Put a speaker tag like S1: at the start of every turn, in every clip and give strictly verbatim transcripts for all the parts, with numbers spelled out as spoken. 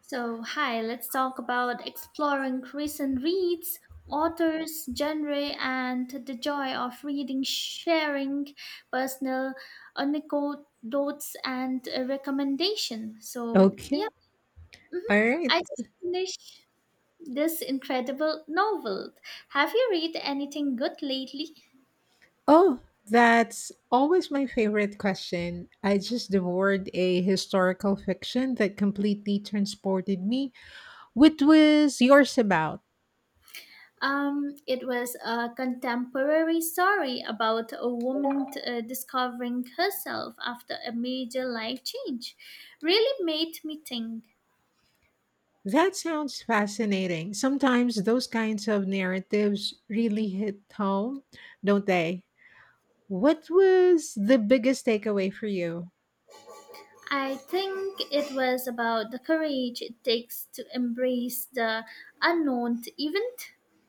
S1: So, hi, let's talk about exploring recent reads, authors, genre, and the joy of reading, sharing personal anecdotes and uh, recommendation. So, yeah,
S2: Okay. All
S1: I
S2: right.
S1: just finished this incredible novel. Have you read anything good lately?
S2: Oh, that's always my favorite question. I just devoured a historical fiction that completely transported me. What was yours about?
S1: Um, it was a contemporary story about a woman uh, discovering herself after a major life change. Really made me think.
S2: That sounds fascinating. Sometimes those kinds of narratives really hit home, don't they? What was the biggest takeaway for you?
S1: I think it was about the courage it takes to embrace the unknown, even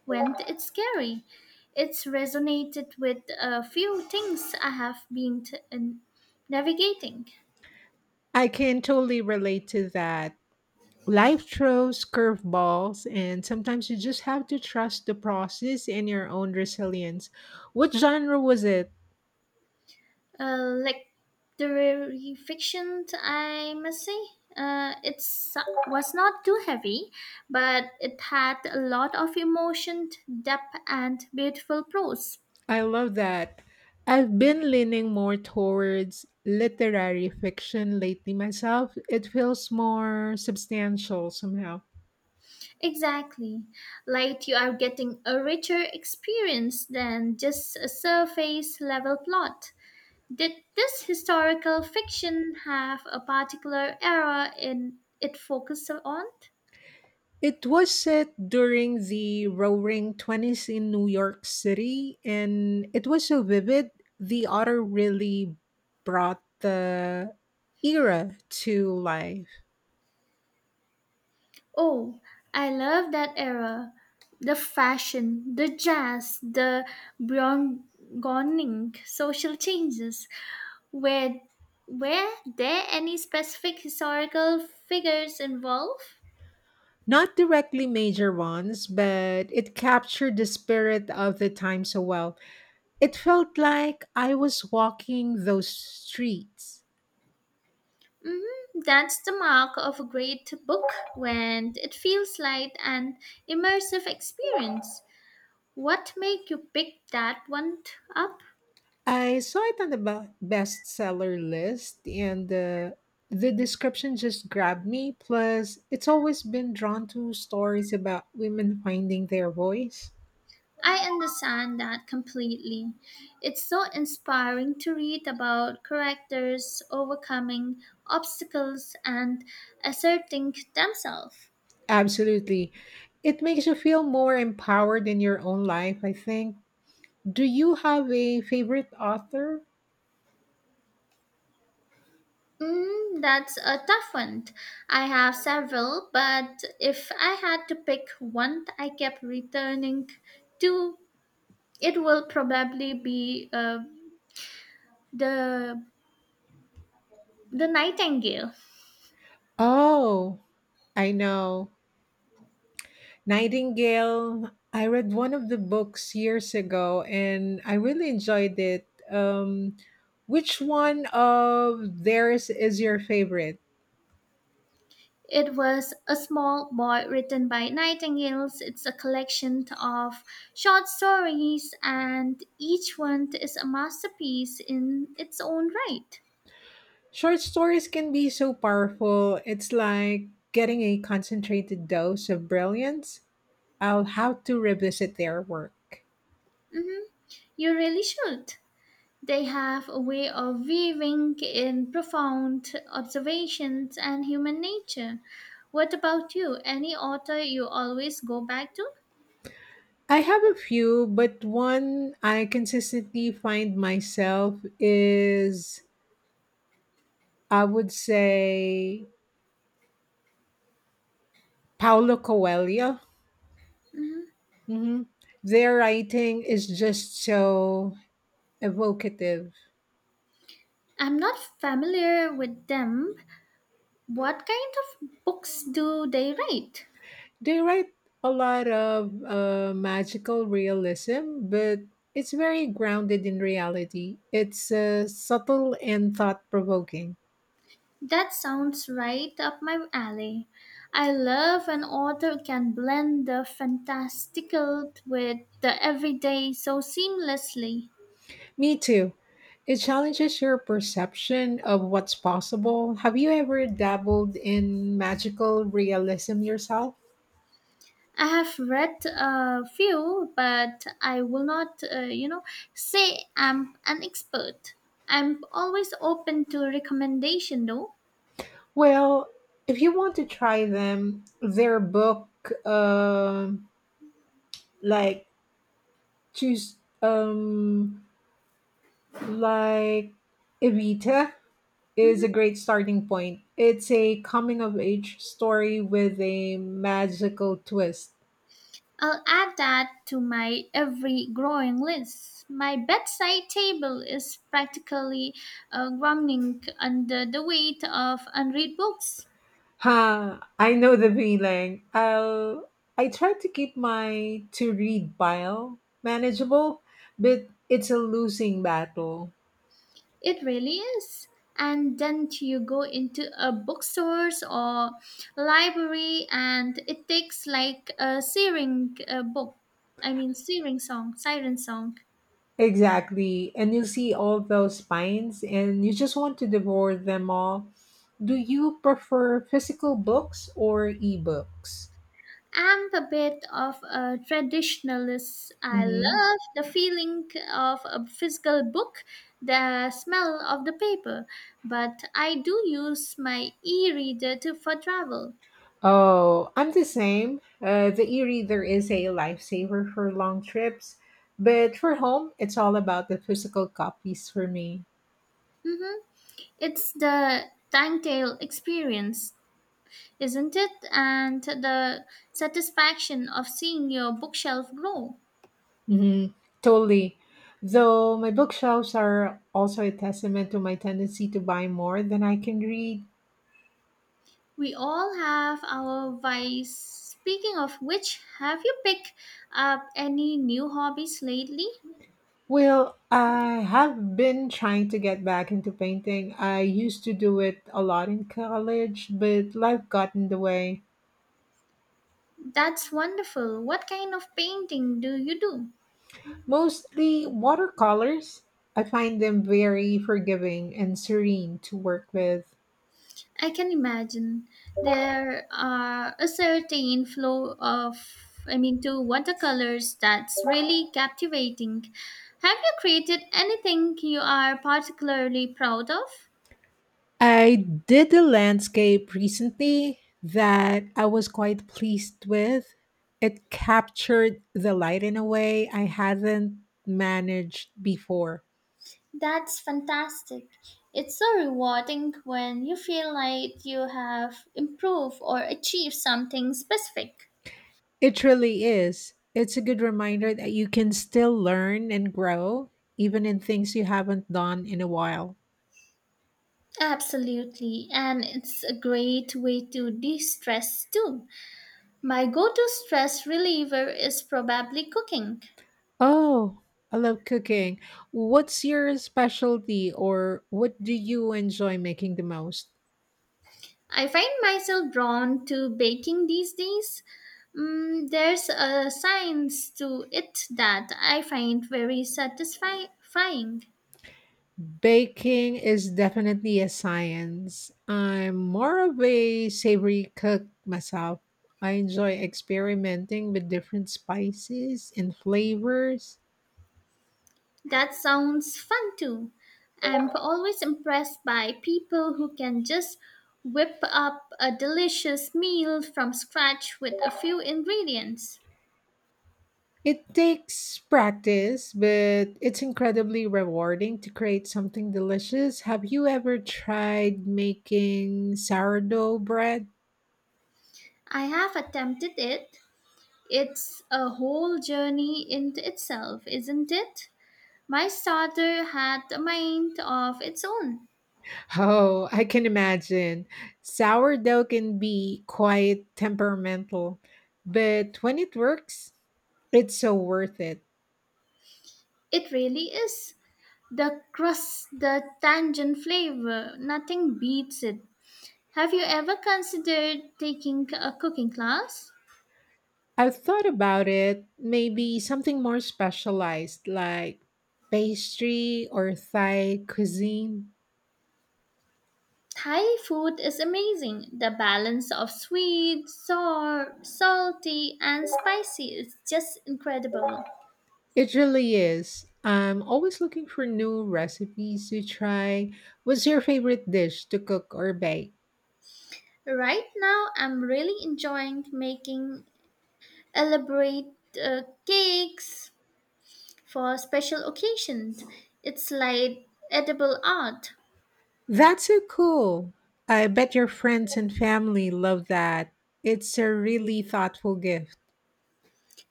S1: when it's scary. It's resonated with a few things I have been t- navigating.
S2: I can totally relate to that. Life throws curveballs, and sometimes you just have to trust the process and your own resilience. What genre was it?
S1: uh, like literary fiction, I must say. Uh, it was not too heavy, but it had a lot of emotion, depth, and beautiful prose.
S2: I love that. I've been leaning more towards literary fiction lately myself. It feels more substantial somehow.
S1: Exactly. Like you are getting a richer experience than just a surface level plot. Did this historical fiction have a particular era in it focused on?
S2: It was set during the roaring twenties in New York City, and it was so vivid. The author really brought the era to life.
S1: Oh, I love that era. The fashion, the jazz, the burgeoning social changes. Were, were there any specific historical figures involved?
S2: Not directly major ones, but it captured the spirit of the time so well. It felt like I was walking those streets.
S1: hmm That's the mark of a great book when it feels like an immersive experience. What made you pick that one t- up?
S2: I saw it on the be- bestseller list, and uh, the description just grabbed me. Plus, it's always been drawn to stories about women finding their voice.
S1: I understand that completely. It's so inspiring to read about characters overcoming obstacles and asserting themselves.
S2: Absolutely. It makes you feel more empowered in your own life, I think. Do you have a favorite author?
S1: Mm, that's a tough one. I have several, but if I had to pick one that I kept returning to, it will probably be uh, the the Nightingale.
S2: Oh, I know. Nightingale. I read one of the books years ago and I really enjoyed it. Um, which one of theirs is your favorite?
S1: It was a small boy written by Nightingales. It's a collection of short stories, and each one is a masterpiece in its own right.
S2: Short stories can be so powerful. It's like getting a concentrated dose of brilliance. I'll have to revisit their work.
S1: You really should. They have a way of weaving in profound observations and human nature. What about you? Any author you always go back to?
S2: I have a few, but one I consistently find myself is, I would say, Paulo Coelho.
S1: Mhm.
S2: hmm Their writing is just so evocative.
S1: I'm not familiar with them. What kind of books do they write?
S2: They write a lot of uh, magical realism, but it's very grounded in reality. It's uh, subtle and thought provoking.
S1: That sounds right up my alley. I love when author can blend the fantastical with the everyday so seamlessly.
S2: Me too. It challenges your perception of what's possible. Have you ever dabbled in magical realism yourself?
S1: I have read a few, but I will not, uh, you know, say I'm an expert. I'm always open to recommendation, though.
S2: Well, if you want to try them, their book, um, like choose, um, like Evita is a
S1: Mhm.
S2: great starting point. It's a coming of age story with a magical twist.
S1: I'll add that to my every growing list. My bedside table is practically uh, groaning under the weight of unread books.
S2: Ha! I know the feeling. i I try to keep my to read pile manageable, but it's a losing battle.
S1: It really is. And then you go into a bookstores or library, and it takes like a searing uh, book. I mean, searing song, siren song.
S2: Exactly. And you see all those spines and you just want to devour them all. Do you prefer physical books or ebooks?
S1: I'm a bit of a traditionalist. I love the feeling of a physical book, the smell of the paper, but I do use my e reader to for travel.
S2: Oh, I'm the same. Uh, the e-reader is a lifesaver for long trips, but for home, it's all about the physical copies for me.
S1: hmm It's the telltale experience, isn't it? And the satisfaction of seeing your bookshelf grow.
S2: hmm Totally. Though my bookshelves are also a testament to my tendency to buy more than I can read.
S1: We all have our vice. Speaking of which, have you picked up any new hobbies lately?
S2: Well, I have been trying to get back into painting. I used to do it a lot in college, but life got in the way.
S1: That's wonderful. What kind of painting do you do?
S2: Mostly watercolors. I find them very forgiving and serene to work with.
S1: I can imagine there are a certain flow of, I mean, to watercolors that's really captivating. Have you created anything you are particularly proud of?
S2: I did a landscape recently that I was quite pleased with. It captured the light in a way I hadn't managed before.
S1: That's fantastic. It's so rewarding when you feel like you have improved or achieved something specific.
S2: It really is. It's a good reminder that you can still learn and grow, even in things you haven't done in a while.
S1: Absolutely, and it's a great way to de stress too. My go to stress reliever is probably cooking.
S2: Oh, I love cooking. What's your specialty or what do you enjoy making the most?
S1: I find myself drawn to baking these days. Mm, there's a science to it that I find very satisfying.
S2: Baking is definitely a science. I'm more of a savory cook myself. I enjoy experimenting with different spices and flavors.
S1: That sounds fun too. I'm always impressed by people who can just whip up a delicious meal from scratch with a few ingredients.
S2: It takes practice, but it's incredibly rewarding to create something delicious. Have you ever tried making sourdough bread?
S1: I have attempted it. It's a whole journey in itself, isn't it? My starter had a mind of its own.
S2: Oh, I can imagine. Sourdough can be quite temperamental, but when it works, it's so worth it.
S1: It really is. The crust, the tangent flavor, nothing beats it. Have you ever considered taking a cooking class?
S2: I've thought about it, maybe something more specialized like pastry or Thai cuisine.
S1: Thai food is amazing. The balance of sweet, sour, salty, and spicy is just incredible.
S2: It really is. I'm always looking for new recipes to try. What's your favorite dish to cook or bake?
S1: Right now, I'm really enjoying making elaborate uh, cakes for special occasions. It's like edible art.
S2: That's so cool. I bet your friends and family love that. It's a really thoughtful gift.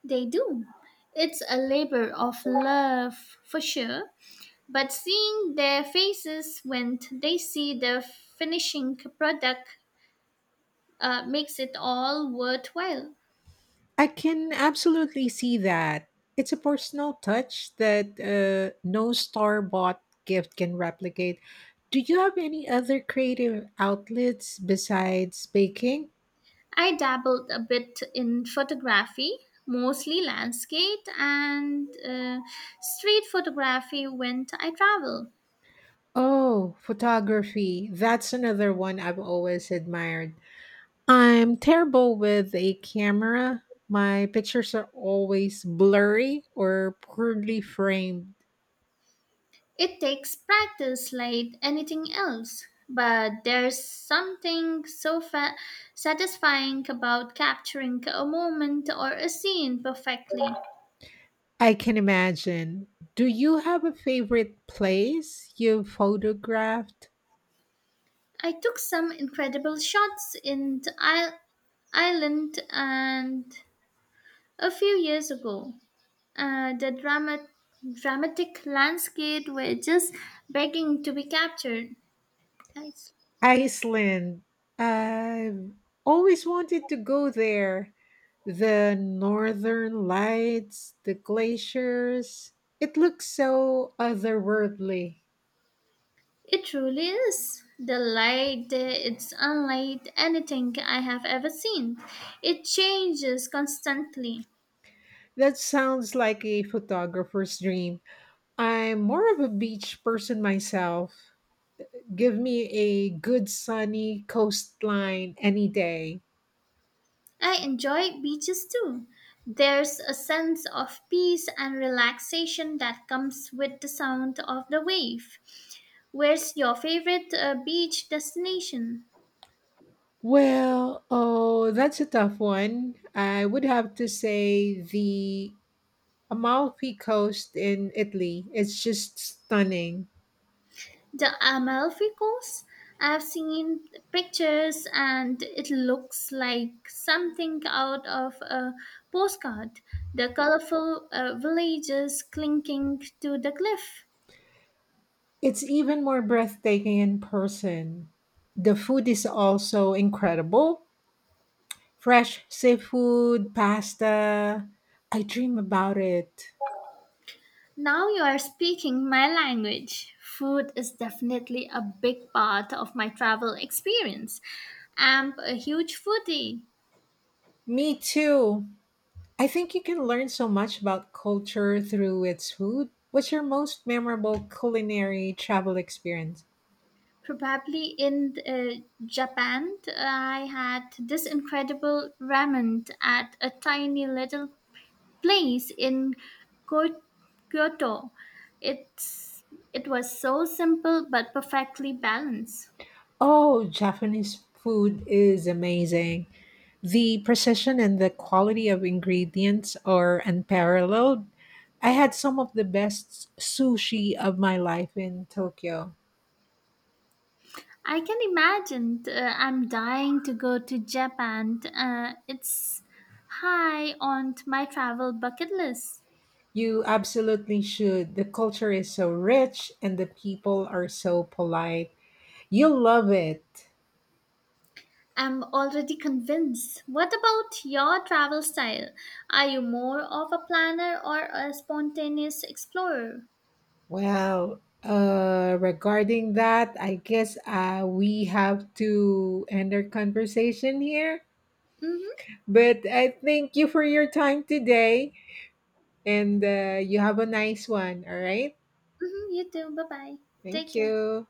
S1: They do. It's a labor of love for sure, but seeing their faces when they see the finishing product uh, makes it all worthwhile.
S2: I can absolutely see that. It's a personal touch that uh, no star bought gift can replicate. Do you have any other creative outlets besides baking?
S1: I dabbled a bit in photography, mostly landscape and uh, street photography when I travel.
S2: Oh, photography. That's another one I've always admired. I'm terrible with a camera. My pictures are always blurry or poorly framed.
S1: It takes practice like anything else, but there's something so fa- satisfying about capturing a moment or a scene perfectly.
S2: I can imagine. Do you have a favorite place you've photographed?
S1: I took some incredible shots in the isle- island and a few years ago. Uh, the drama- dramatic landscape were just begging to be captured. Nice.
S2: Iceland. I've always wanted to go there. The northern lights, the glaciers. It looks so otherworldly.
S1: It truly is. The light there, it's unlike anything I have ever seen. It changes constantly.
S2: That sounds like a photographer's dream. I'm more of a beach person myself. Give me a good sunny coastline any day.
S1: I enjoy beaches too. There's a sense of peace and relaxation that comes with the sound of the wave. Where's your favorite uh, beach destination?
S2: Well, oh, that's a tough one. I would have to say the Amalfi Coast in Italy. It's just stunning.
S1: The Amalfi Coast? I've seen pictures and it looks like something out of a postcard. The colorful uh, villages clinging to the cliff.
S2: It's even more breathtaking in person. The food is also incredible. Fresh seafood, pasta. I dream about it.
S1: Now you are speaking my language. Food is definitely a big part of my travel experience. I'm a huge foodie.
S2: Me too. I think you can learn so much about culture through its food. What's your most memorable culinary travel experience?
S1: Probably in uh, Japan, I had this incredible ramen at a tiny little place in Ko- Kyoto. It's it was so simple but perfectly balanced.
S2: Oh, Japanese food is amazing. The precision and the quality of ingredients are unparalleled. I had some of the best sushi of my life in Tokyo.
S1: I can imagine. Uh, I'm dying to go to Japan. Uh, it's high on my travel bucket list.
S2: You absolutely should. The culture is so rich and the people are so polite. You'll love it.
S1: I'm already convinced. What about your travel style? Are you more of a planner or a spontaneous explorer?
S2: Well, uh, regarding that, I guess uh, we have to end our conversation here.
S1: Mm-hmm,
S2: But I thank you for your time today, and uh, you have a nice one. All right.
S1: mm-hmm, you too. Bye bye. Take
S2: Thank
S1: care.
S2: you.